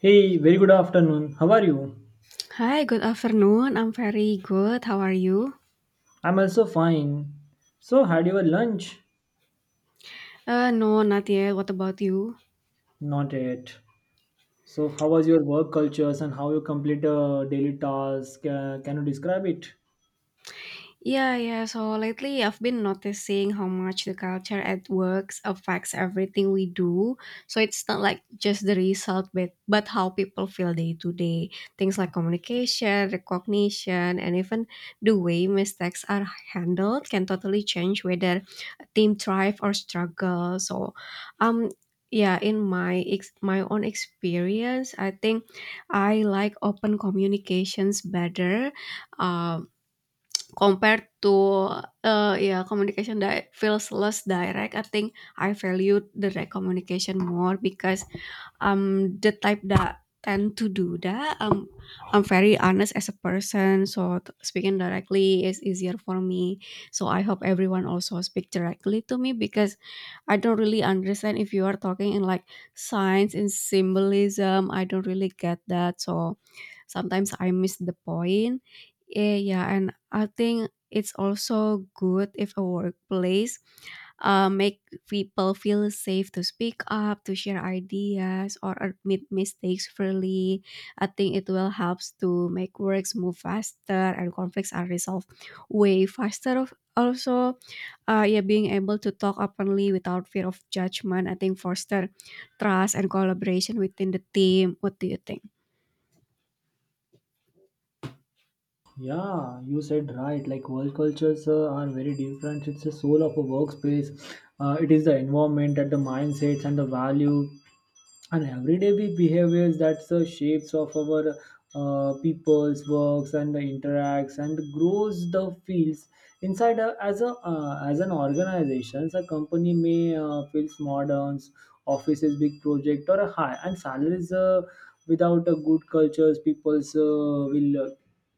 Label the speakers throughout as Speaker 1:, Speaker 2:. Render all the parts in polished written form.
Speaker 1: Hey, very good afternoon. How are you?
Speaker 2: Hi, good afternoon. I'm very good. How are you?
Speaker 1: I'm also fine. So, had your lunch?
Speaker 2: No, not yet. What about you?
Speaker 1: Not yet. So, how was your work cultures and how you complete a daily task? Can you describe it?
Speaker 2: Yeah, yeah. So lately, I've been noticing how much the culture at works affects everything we do. So it's not like just the result, but how people feel day to day. Things like communication, recognition, and even the way mistakes are handled can totally change whether team thrive or struggle. Um, yeah, in my own experience, I think I like open communications better um, compared to yeah, communication that feels less direct. I think I value direct communication more because I'm the type that tend to do that. I'm very honest as a person, so speaking directly is easier for me. So I hope everyone also speak directly to me because I don't really understand if you are talking in like science and symbolism. I don't really get that. So sometimes I miss the point. Yeah, and I think it's also good if a workplace make people feel safe to speak up, to share ideas, or admit mistakes freely. I think it will helps to make works move faster and conflicts are resolved way faster. Of also, yeah, being able to talk openly without fear of judgment, I think foster trust and collaboration within the team. What do you think?
Speaker 1: Yeah, you said right. Like work cultures are very different. It's the soul of a workspace. It is the environment, and the mindsets, and the value and everyday we behaviors that the shapes of our people's works and the interacts and grows the fields inside a as an organization a company may feels modern offices big project or a high and salaries without a good cultures people's will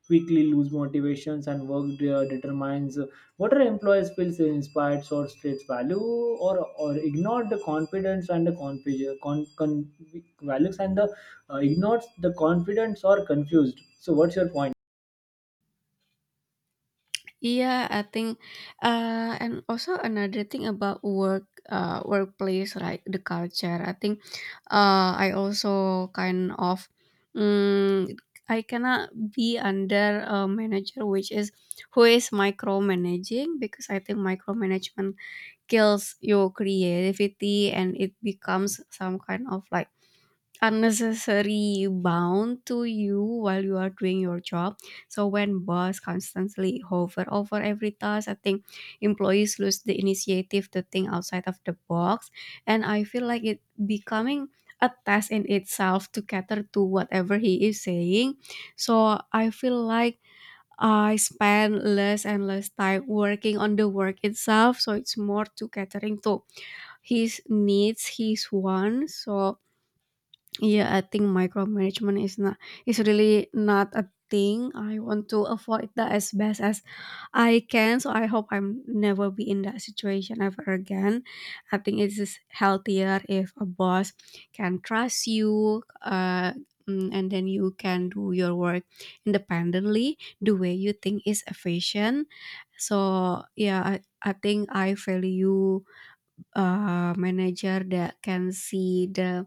Speaker 1: quickly lose motivations and work determines what are employees feels inspired or states value or ignored the confidence and the values and the ignores the confidence or confused. So what's your point?
Speaker 2: Yeah, I think, and also another thing about work, workplace, right? The culture. I think, I also kind of, mm, I cannot be under a manager which is who is micromanaging because I think micromanagement kills your creativity and it becomes some kind of like unnecessary bound to you while you are doing your job. So when boss constantly hover over every task, I think employees lose the initiative to think outside of the box, and I feel like it becoming a task in itself to cater to whatever he is saying. So I feel like I spend less and less time working on the work itself, so it's more to catering to his needs, his wants. So yeah, I think micromanagement is not is really not a thing. I want to avoid that as best as I can. So I hope I'm never be in that situation ever again. I think it is healthier if a boss can trust you, and then you can do your work independently the way you think is efficient. So I think I value a manager that can see the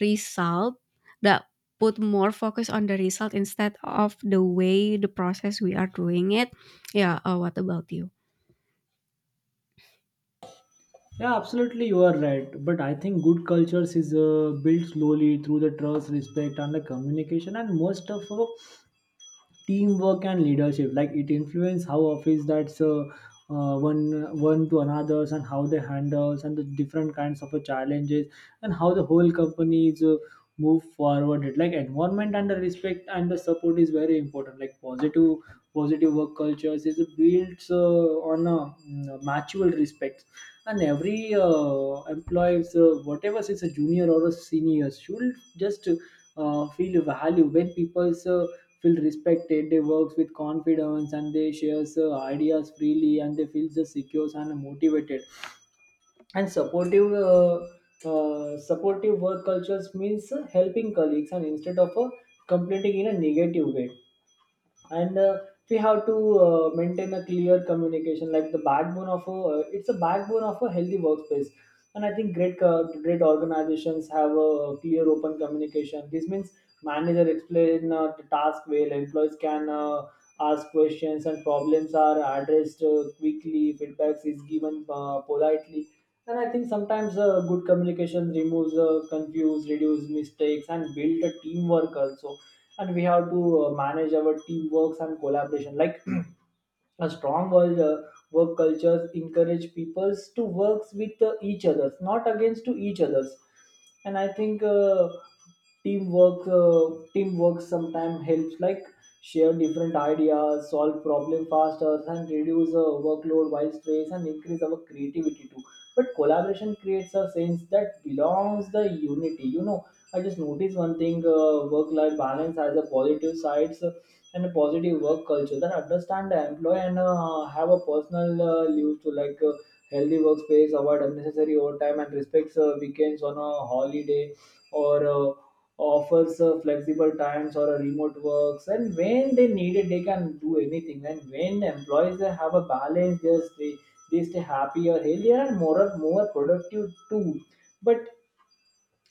Speaker 2: result that put more focus on the result instead of the way the process we are doing it. Yeah, what about you?
Speaker 1: Yeah, absolutely, you are right. But I think good cultures is built slowly through the trust, respect, and the communication. And most of teamwork and leadership like it influences how office that's uh, one one to another's and how they handles and the different kinds of challenges and how the whole company is move forward it like environment and the respect and the support is very important like positive work cultures is built on a mutual respect and every employees whatever is a junior or a senior should just feel value when people's feel respected, they work with confidence and they share ideas freely and they feel just secure and motivated. And supportive work cultures means helping colleagues and instead of completing in a negative way and we have to maintain a clear communication like the backbone of a it's a backbone of a healthy workspace. And I think great organizations have a clear open communication. This means manager explain the task well, employees can ask questions, and problems are addressed quickly, feedbacks is given politely. And I think sometimes good communication removes confuse, reduce mistakes, and build a teamwork also. And we have to manage our teamworks and collaboration like a strong work cultures encourage peoples to work with each others, not against to each others. And I think teamwork sometimes helps like share different ideas, solve problem faster, and reduce workload while stress and increase our creativity too. But collaboration creates a sense that belongs the unity. You know, I just noticed one thing: work-life balance has a positive sides and a positive work culture that understand the employee and have a personal leave to like healthy workspace, avoid unnecessary overtime, and respects weekends on a holiday or offers flexible times or a remote works. And when they need it, they can do anything. And when employees they have a balance, they stay happier, healthier, and more productive too. But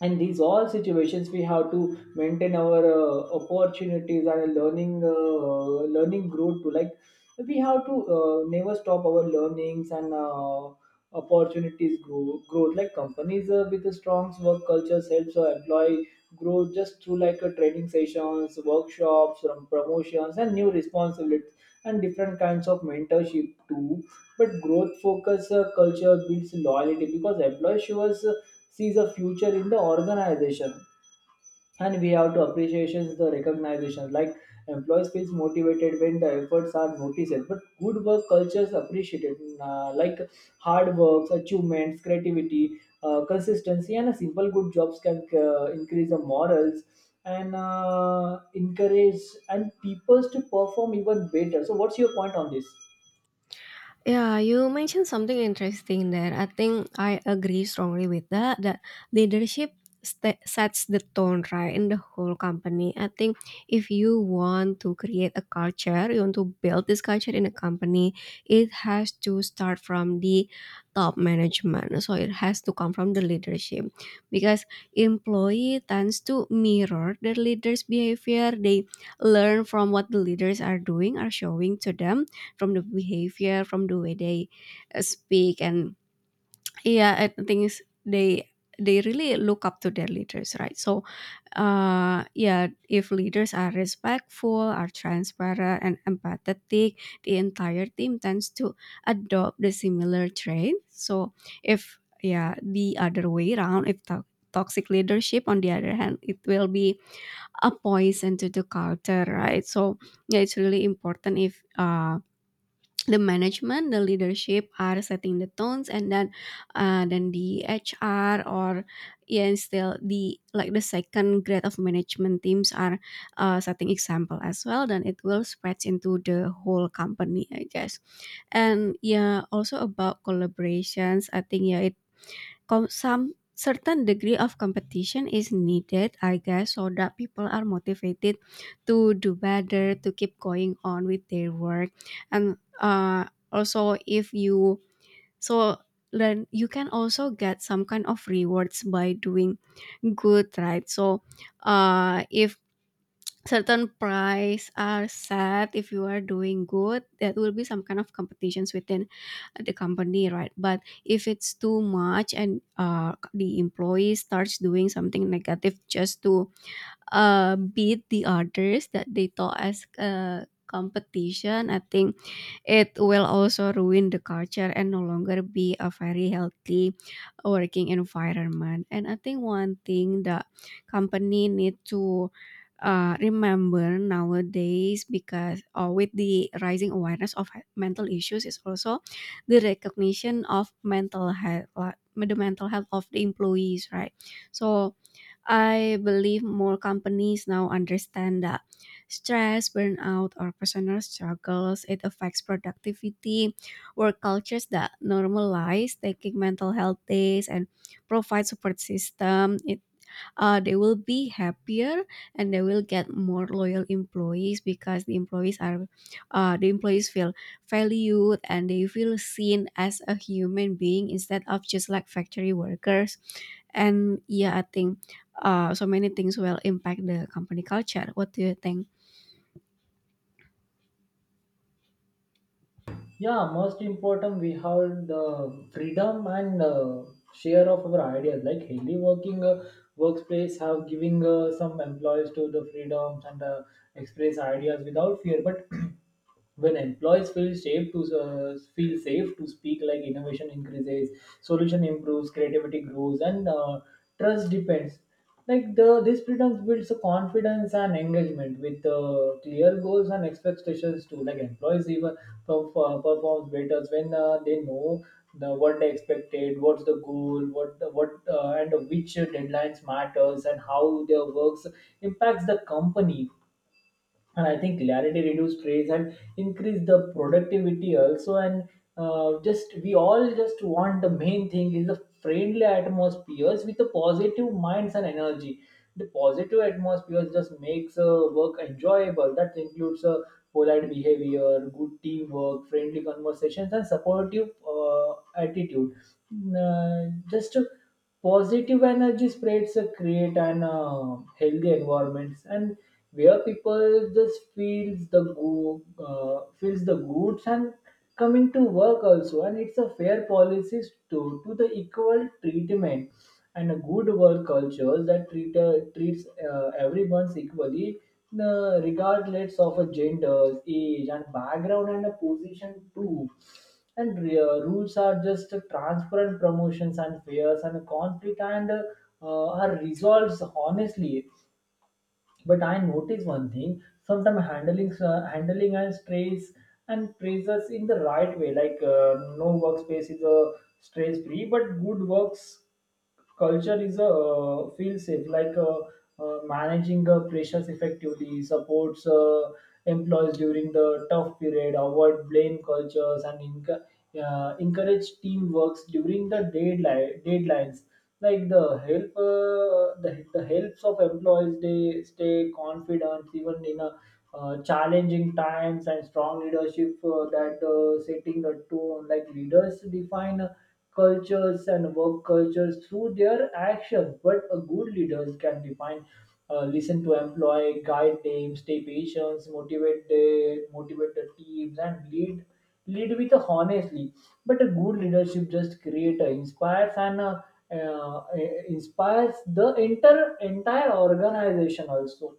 Speaker 1: and these all situations we have to maintain our opportunities and learning growth to like we have to never stop our learnings and opportunities growth like companies with a strong work culture helps our employee grow just through like training sessions, workshops, promotions, and new responsibilities and different kinds of mentorship too. But growth focus culture builds loyalty because employee shows sees a future in the organization. And we have to appreciation the recognition like employees feels motivated when the efforts are noticed. But good work cultures appreciated like hard works, achievements, creativity, consistency, and a simple good jobs can increase the morals and encourage and people to perform even better. So what's your point on this?
Speaker 2: Yeah, you mentioned something interesting there. I think I agree strongly with that. That sets the tone, right, in the whole company. I think if you want to create a culture, you want to build this culture in a company, it has to start from the top management. So it has to come from the leadership, because employee tends to mirror their leaders' behavior. They learn from what the leaders are doing, are showing to them, from the behavior, from the way they speak. And yeah, I think they really look up to their leaders, right? So yeah, if leaders are respectful, are transparent and empathetic, the entire team tends to adopt the similar trait. So if, yeah, the other way around, if toxic leadership on the other hand, it will be a poison to the culture, right? So yeah, it's really important if the management, the leadership are setting the tones, and then the HR or yeah, and still the like the second grade of management teams are setting example as well, then it will spread into the whole company, I guess. And yeah, also about collaborations, I think, yeah, some certain degree of competition is needed, I guess, so that people are motivated to do better, to keep going on with their work. And also, if you so then you can also get some kind of rewards by doing good, right? So if certain prize are set, if you are doing good, that will be some kind of competitions within the company, right? But if it's too much and the employee starts doing something negative just to beat the others that they thought as a competition, I think it will also ruin the culture and no longer be a very healthy working environment. And I think one thing that company need to remember nowadays, because with the rising awareness of mental issues, is also the recognition of mental health, the mental health of the employees, right? So I believe more companies now understand that stress, burnout, or personal struggles, it affects productivity. Work cultures that normalize taking mental health days and provide support system, It they will be happier, and they will get more loyal employees because the employees feel valued and they feel seen as a human being instead of just like factory workers. And yeah, I think so many things will impact the company culture. What do you think?
Speaker 1: Yeah, most important we have the freedom and share of our ideas like healthy working workplace have giving some employees to the freedoms and express ideas without fear. But when employees feel safe to speak like innovation increases, solution improves, creativity grows, and trust depends. Like the this freedom builds a confidence and engagement with clear goals and expectations too. Like employees even performs better when they know the what they expected, what's the goal, what and which deadlines matters and how their works impacts the company. And I think clarity reduce stress and increase the productivity also. And just we all just want the main thing is the friendly atmospheres with the positive minds and energy. The positive atmosphere just makes work enjoyable. That includes polite behavior, good teamwork, friendly conversations, and supportive attitude. Mm, just positive energy spreads create an healthy environments and where people just feels the goods and coming to work also. And it's a fair policies to the equal treatment and a good work culture that treats everyone equally regardless of a gender, age, and background, and a position too. And rules are just transparent, promotions and fears and conflict and are resolved honestly. But I notice one thing: sometimes handling and stress and praises in the right way. Like no workspace is stress free, but good works culture is a feel safe like managing the pressures effectively supports employees during the tough period, avoid blame cultures, and encourage teamwork during the deadlines like the the helps of employees. They stay confident even in a challenging times. And strong leadership that setting the tone like leaders define cultures and work cultures through their actions. But a good leaders can define, listen to employee, guide them, stay patient, motivate the teams, and lead with a honestly. But a good leadership just inspires and. uh, inspires the entire organization also.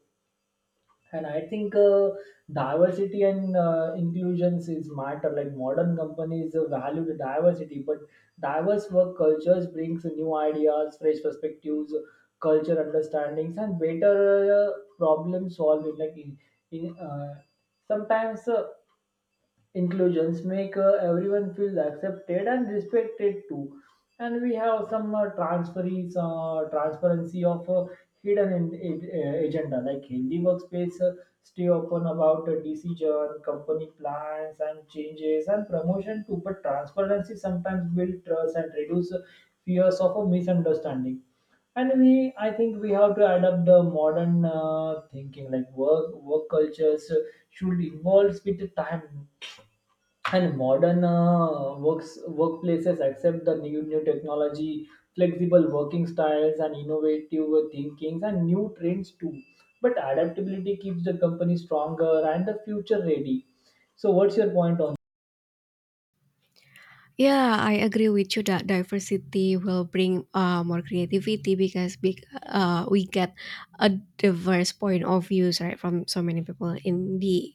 Speaker 1: And I think diversity and inclusions is matter like modern companies value the diversity. But diverse work cultures brings new ideas, fresh perspectives, culture understandings, and better uh, problem solving like in sometimes inclusions make everyone feel accepted and respected too. And we have some transferees transparency of hidden agenda like hindi workspace stay open about decision, company plans, and changes, and promotion too. But transparency sometimes build trust and reduce fears of a misunderstanding. And we I think we have to adapt the modern thinking like work cultures should involve with the time. And modern works workplaces accept the new technology, flexible working styles, and innovative thinkings and new trends too. But adaptability keeps the company stronger and the future ready. So what's your point on?
Speaker 2: Yeah, I agree with you that diversity will bring more creativity, because we get a diverse point of views, right, from so many people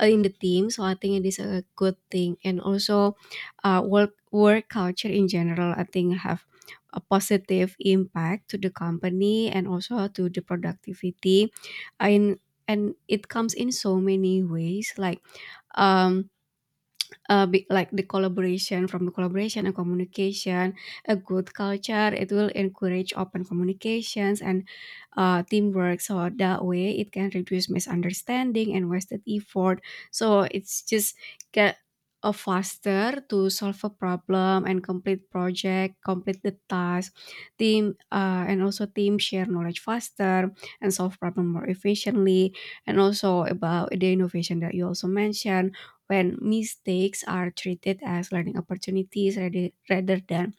Speaker 2: in the team. So I think it is a good thing. And also, work culture in general, I think, have a positive impact to the company and also to the productivity, and it comes in so many ways like um like the collaboration from the collaboration and communication. A good culture, it will encourage open communications and teamwork, so that way it can reduce misunderstanding and wasted effort. So it's just get a faster to solve a problem and complete the task. Team And also team share knowledge faster and solve problem more efficiently. And also about the innovation that you also mentioned, when mistakes are treated as learning opportunities rather than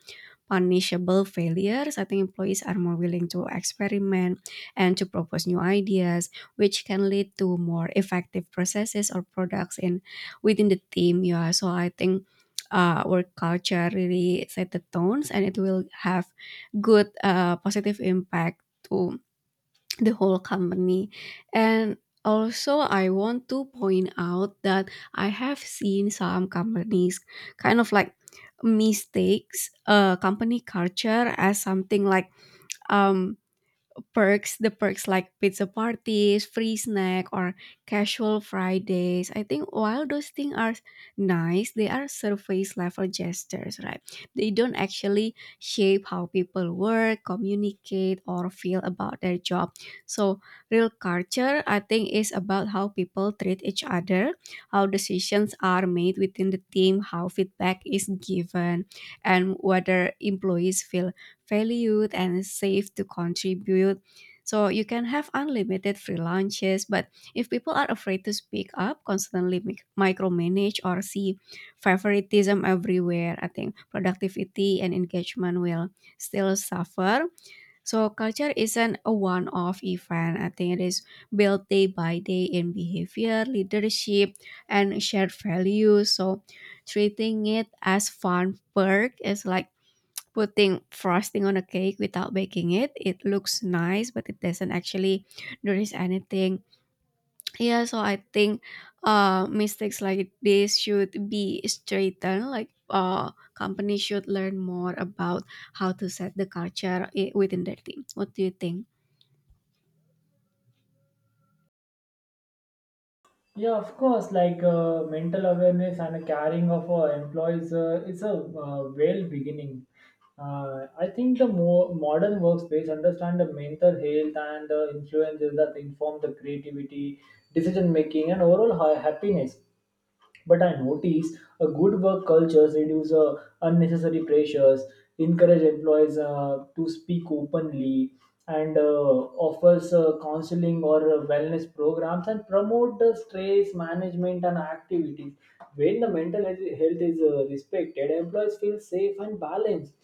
Speaker 2: punishable failures, I think employees are more willing to experiment and to propose new ideas, which can lead to more effective processes or products in within the team. Yeah, so I think work culture really set the tones, and it will have good positive impact to the whole company. And also, I want to point out that I have seen some companies kind of like mistakes company culture as something like um, perks like pizza parties, free snack, or casual Fridays. I think while those things are nice, they are surface level gestures, right? They don't actually shape how people work, communicate, or feel about their job. So real culture, I think, is about how people treat each other, how decisions are made within the team, how feedback is given, and whether employees feel valued and safe to contribute. So you can have unlimited free lunches, but if people are afraid to speak up, constantly micromanage, or see favoritism everywhere, I think productivity and engagement will still suffer. So culture isn't a one-off event. I think it is built day by day in behavior, leadership, and shared values. So treating it as fun perk is like putting frosting on a cake without baking it. It looks nice, but it doesn't actually nourish anything. Yeah, so I think mistakes like this should be straightened. Like companies should learn more about how to set the culture within their team. What do you think?
Speaker 1: Yeah, of course. Like mental awareness and caring of our employees is a well beginning. I think the more modern workspace understand the mental health and the influences that inform the creativity, decision making, and overall happiness. But I notice a good work culture reduce unnecessary pressures, encourage employees to speak openly, and offers counseling or wellness programs and promote the stress management and activities. When the mental health health is respected, employees feel safe and balanced.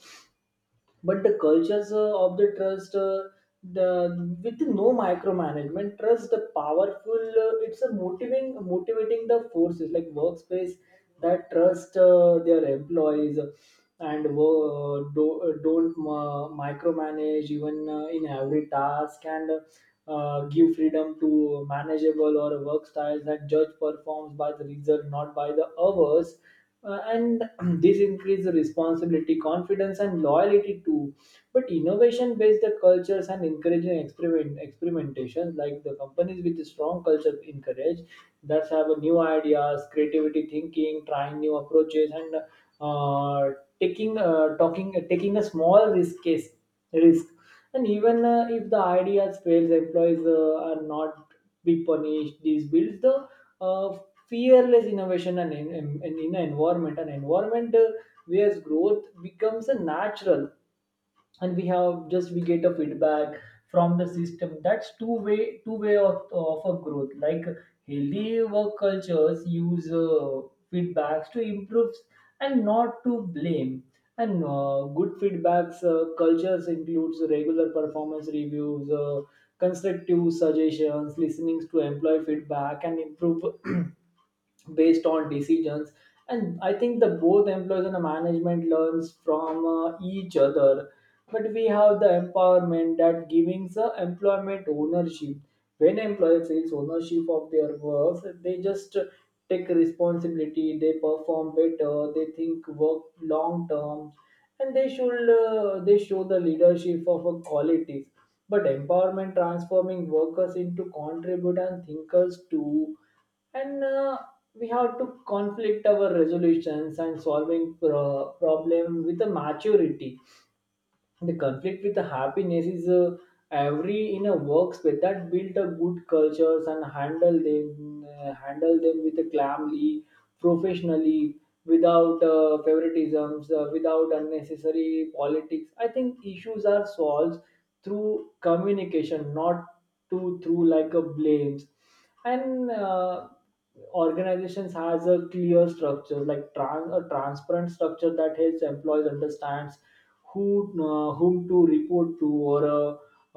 Speaker 1: But the cultures of the trust the with no micromanagement, trust the powerful it's a motivating the forces like workspace that trust their employees and don't micromanage even in every task. And give freedom to manageable or work styles that judge performs by the result, not by the hours. Uh, and this increase the responsibility, confidence, and loyalty too. But innovation-based the cultures and encouraging experimentations, like the companies with a strong culture encourage that have a new ideas, creativity, thinking, trying new approaches, and uh, taking talking taking a small risk. And even if the ideas fails, employees are not be punished. This builds the uh, fearless innovation and in an environment, where growth becomes a natural, and we have just we get a feedback from the system. That's two way of a growth. Like healthy work cultures use feedbacks to improve and not to blame. And good feedbacks cultures includes regular performance reviews, constructive suggestions, listening to employee feedback, and improve based on decisions. And I think the both employees and the management learns from each other. But we have the empowerment that giving the employment ownership. When employee feels ownership of their work, they just take responsibility, they perform better, they think work long term, and they show the leadership of a qualities. But empowerment transforming workers into contributors and thinkers too. And We have to conflict our resolutions and solving problem with a maturity. The conflict with the happiness is every in a workspace that build a good cultures, and handle them with a calmly, professionally, without favoritisms, without unnecessary politics. I think issues are solved through communication, not to through like a blames. And Organizations has a clear structure, like a transparent structure that helps employees understands who whom to report to, or uh,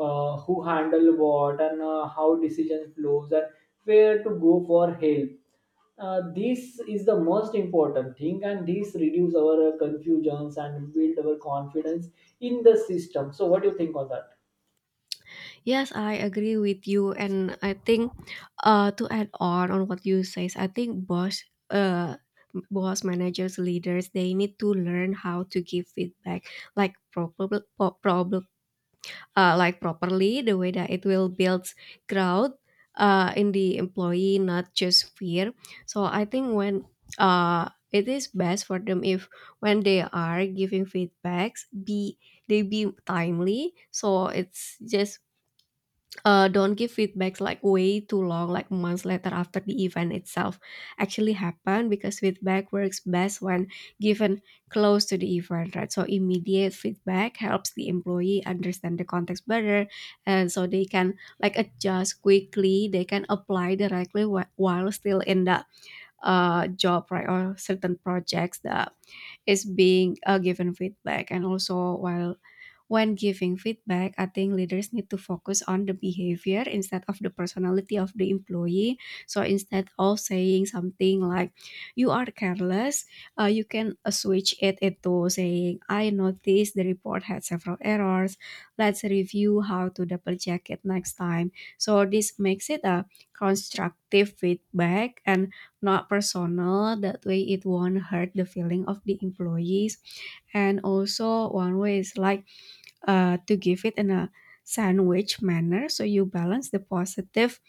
Speaker 1: uh, who handle what, and how decision flows, and where to go for help. This is the most important thing, and this reduce our confusions and build our confidence in the system. So what do you think on that?
Speaker 2: Yes, I agree with you, and I think to add on what you says, I think boss managers, leaders, they need to learn how to give feedback like pro- problem, properly, the way that it will build growth in the employee, not just fear. So I think when it is best for them if when they are giving feedbacks, be they be timely, so it's just don't give feedbacks like way too long, like months later after the event itself actually happened, because feedback works best when given close to the event, right? So immediate feedback helps the employee understand the context better, and so they can like adjust quickly. They can apply directly while still in the job, right, or certain projects that is being given feedback. And also, while when giving feedback, I think leaders need to focus on the behavior instead of the personality of the employee. So instead of saying something like, you are careless, you can switch it into saying, I noticed the report had several errors. Let's review how to double check it next time. So this makes it a constructive feedback and not personal. That way, it won't hurt the feeling of the employees. And also, one way is like, to give it in a sandwich manner. So you balance the positive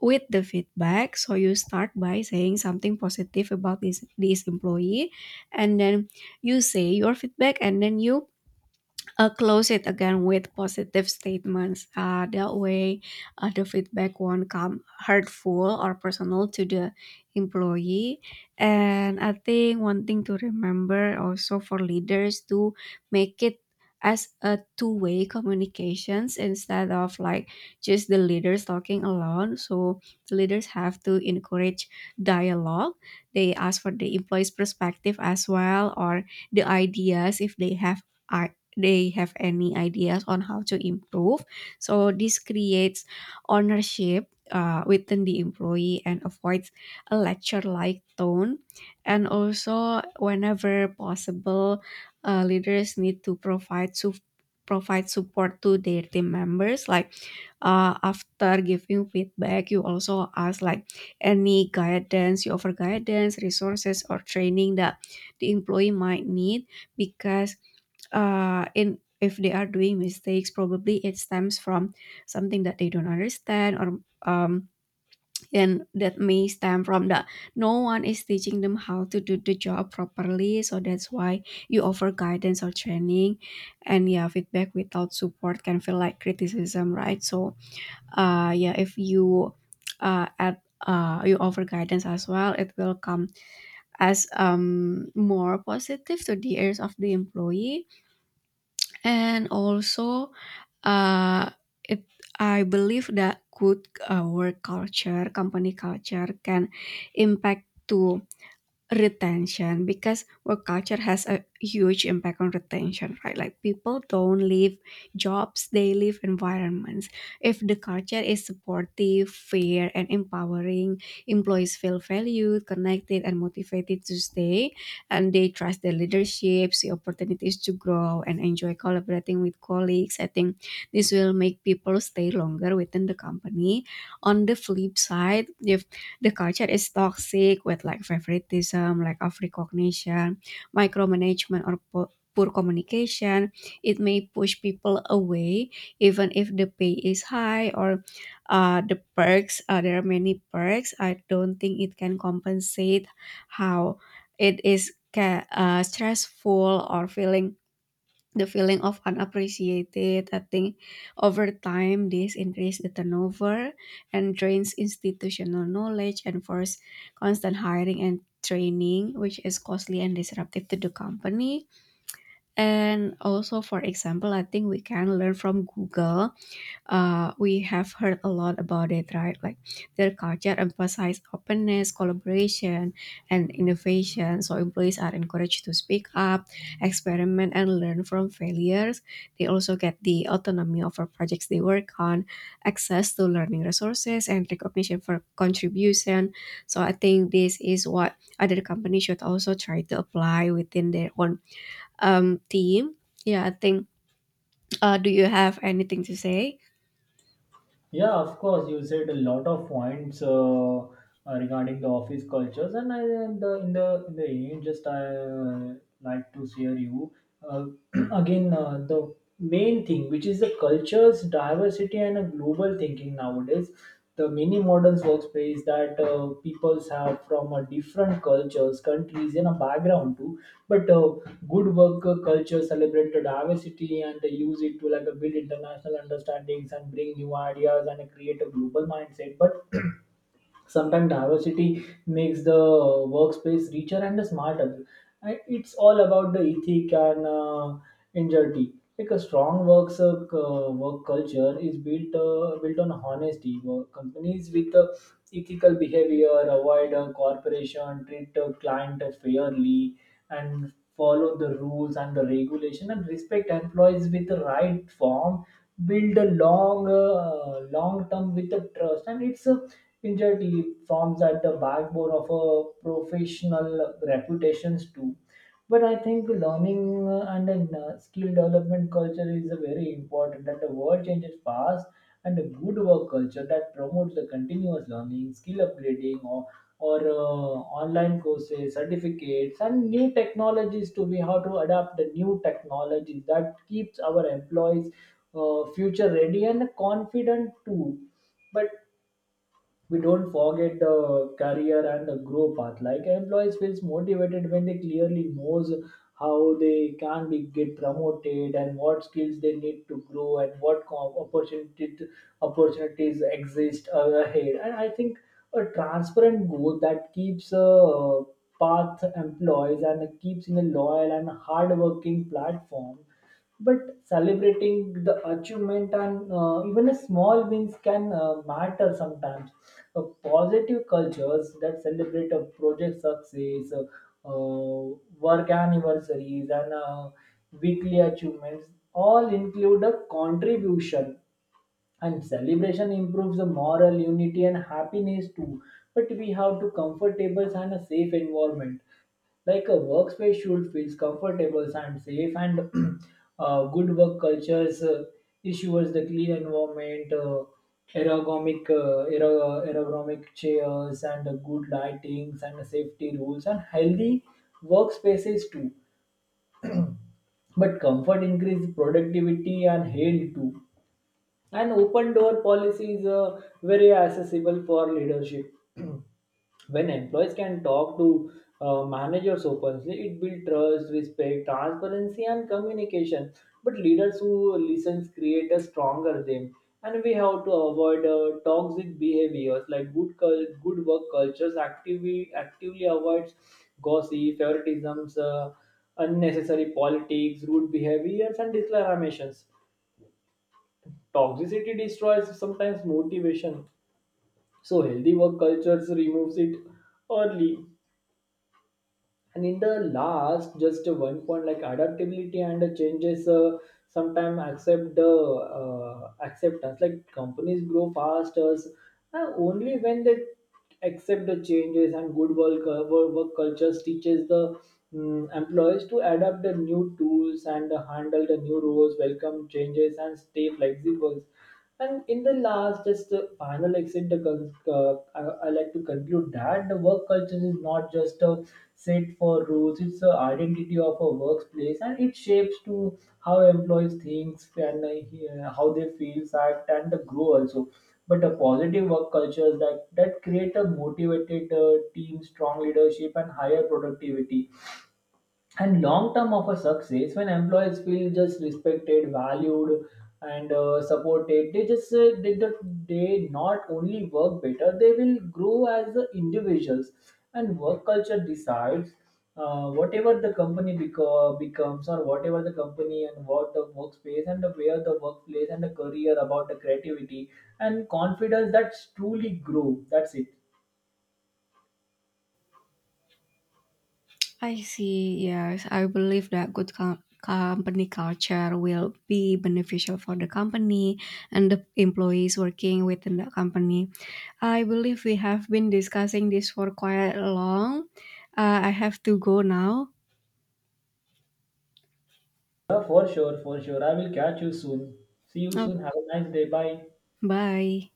Speaker 2: with the feedback. So you start by saying something positive about this employee, and then you say your feedback, and then you close it again with positive statements. That way, the feedback won't come hurtful or personal to the employee. And I think one thing to remember also for leaders to make it as a two-way communications, instead of like just the leaders talking alone. So the leaders have to encourage dialogue. They ask for the employees perspective as well, or the ideas if they have any ideas on how to improve. So this creates ownership within the employee and avoids a lecture-like tone. And also, whenever possible, leaders need to provide support to their team members. Like after giving feedback, you also ask like any guidance, you offer guidance, resources, or training that the employee might need, because in if they are doing mistakes, probably it stems from something that they don't understand, or um, and that may stem from that no one is teaching them how to do the job properly. So that's why you offer guidance or training, and yeah, feedback without support can feel like criticism, right? So, yeah, if you add you offer guidance as well, it will come as more positive to the ears of the employee. And also, uh, it I believe that good work culture, company culture can impact to retention, because work culture has a huge impact on retention, right? Like people don't leave jobs, they leave environments. If the culture is supportive, fair, and empowering, employees feel valued, connected, and motivated to stay, and they trust their leadership, see opportunities to grow, and enjoy collaborating with colleagues. I think this will make people stay longer within the company. On the flip side, if the culture is toxic with like favoritism, lack of recognition, micromanagement, or poor communication, it may push people away, even if the pay is high, or the perks. There are many perks. I don't think it can compensate how stressful or feeling the feeling of unappreciated. I think over time this increase the turnover and drains institutional knowledge and force constant hiring and training, which is costly and disruptive to the company. And also, for example, I think we can learn from Google. Uh, we have heard a lot about it, right? Like their culture emphasizes openness, collaboration, and innovation. So employees are encouraged to speak up, experiment, and learn from failures. They also get the autonomy over projects they work on, access to learning resources, and recognition for contribution. So I think this is what other companies should also try to apply within their own team. Yeah, I think. Do you have anything to say?
Speaker 1: Yeah, of course, you said a lot of points, regarding the office cultures. And I, and the, in the in the end, just I like to share you uh, again the main thing, which is the cultures, diversity, and a global thinking. Nowadays the many modern workspace that peoples have from different cultures, countries, and a background too. But good work culture celebrate the diversity, and they use it to like build international understandings and bring new ideas and create a global mindset. But sometimes diversity makes the workspace richer and smarter. And it's all about the ethic and integrity. Like a strong works work culture is built on honesty. Work companies with ethical behavior avoid corporation, treat client fairly, and follow the rules and the regulation, and respect employees with the right form, build a long term with the trust. And it's a injured leave forms at the backbone of a professional reputations too. But I think learning skill development culture is a very important, and the world changes fast, and a good work culture that promotes the continuous learning, skill upgrading, or online courses, certificates, and new technologies to be how to adapt the new technologies that keeps our employees future ready and confident too. But we don't forget the career and the grow path. Like employees feels motivated when they clearly knows how they can be get promoted, and what skills they need to grow, and what com opportunity opportunities exist ahead. And I think a transparent goal that keeps path employees and keeps in a loyal and hardworking platform. But celebrating the achievement and even a small wins can matter sometimes. Positive cultures that celebrate a project success uh, work anniversaries, and weekly achievements all include a contribution, and celebration improves the moral unity and happiness too. But we have to comfortable and a safe environment. Like a workspace should feel comfortable and safe, and good work cultures issues the clean environment, ergonomic ergonomic chairs, and good lightings and safety rules and healthy workspaces too. But comfort increase productivity and health too. An open door policy is very accessible for leadership. When employees can talk to managers openly, it builds trust, respect, transparency, and communication. But leaders who listen create a stronger them. And we have to avoid toxic behaviors. Like good work cultures actively avoids gossip, favoritisms, unnecessary politics, rude behaviors, and declarations. Toxicity destroys sometimes motivation, so healthy work cultures removes it early. And in the last, just one point, like adaptability and the changes, sometimes accept the acceptance. Like companies grow faster only when they accept the changes. And good work cultures teaches the employees to adapt the new tools and handle the new roles, welcome changes, and stay flexible. And in the last, just the final exit, I like to conclude that the work culture is not just a set for rules; it's the identity of a workplace, and it shapes to how employees think, and how they feel, act, and the grow also. But a positive work culture that create a motivated team, strong leadership, and higher productivity, and long term of a success. When employees feel just respected, valued, and supported, they not only work better, they will grow as the individuals. And work culture decides whatever the becomes, or whatever the company, and what the workspace, and the where the workplace, and the career about the creativity and confidence that's truly grow. That's it.
Speaker 2: I see. Yes, I believe that good company culture will be beneficial for the company and the employees working within the company. I believe we have been discussing this for quite long. I have to go now.
Speaker 1: Yeah, for sure, I will catch you soon. See you
Speaker 2: Oh,
Speaker 1: soon. Have a nice day. Bye.
Speaker 2: bye.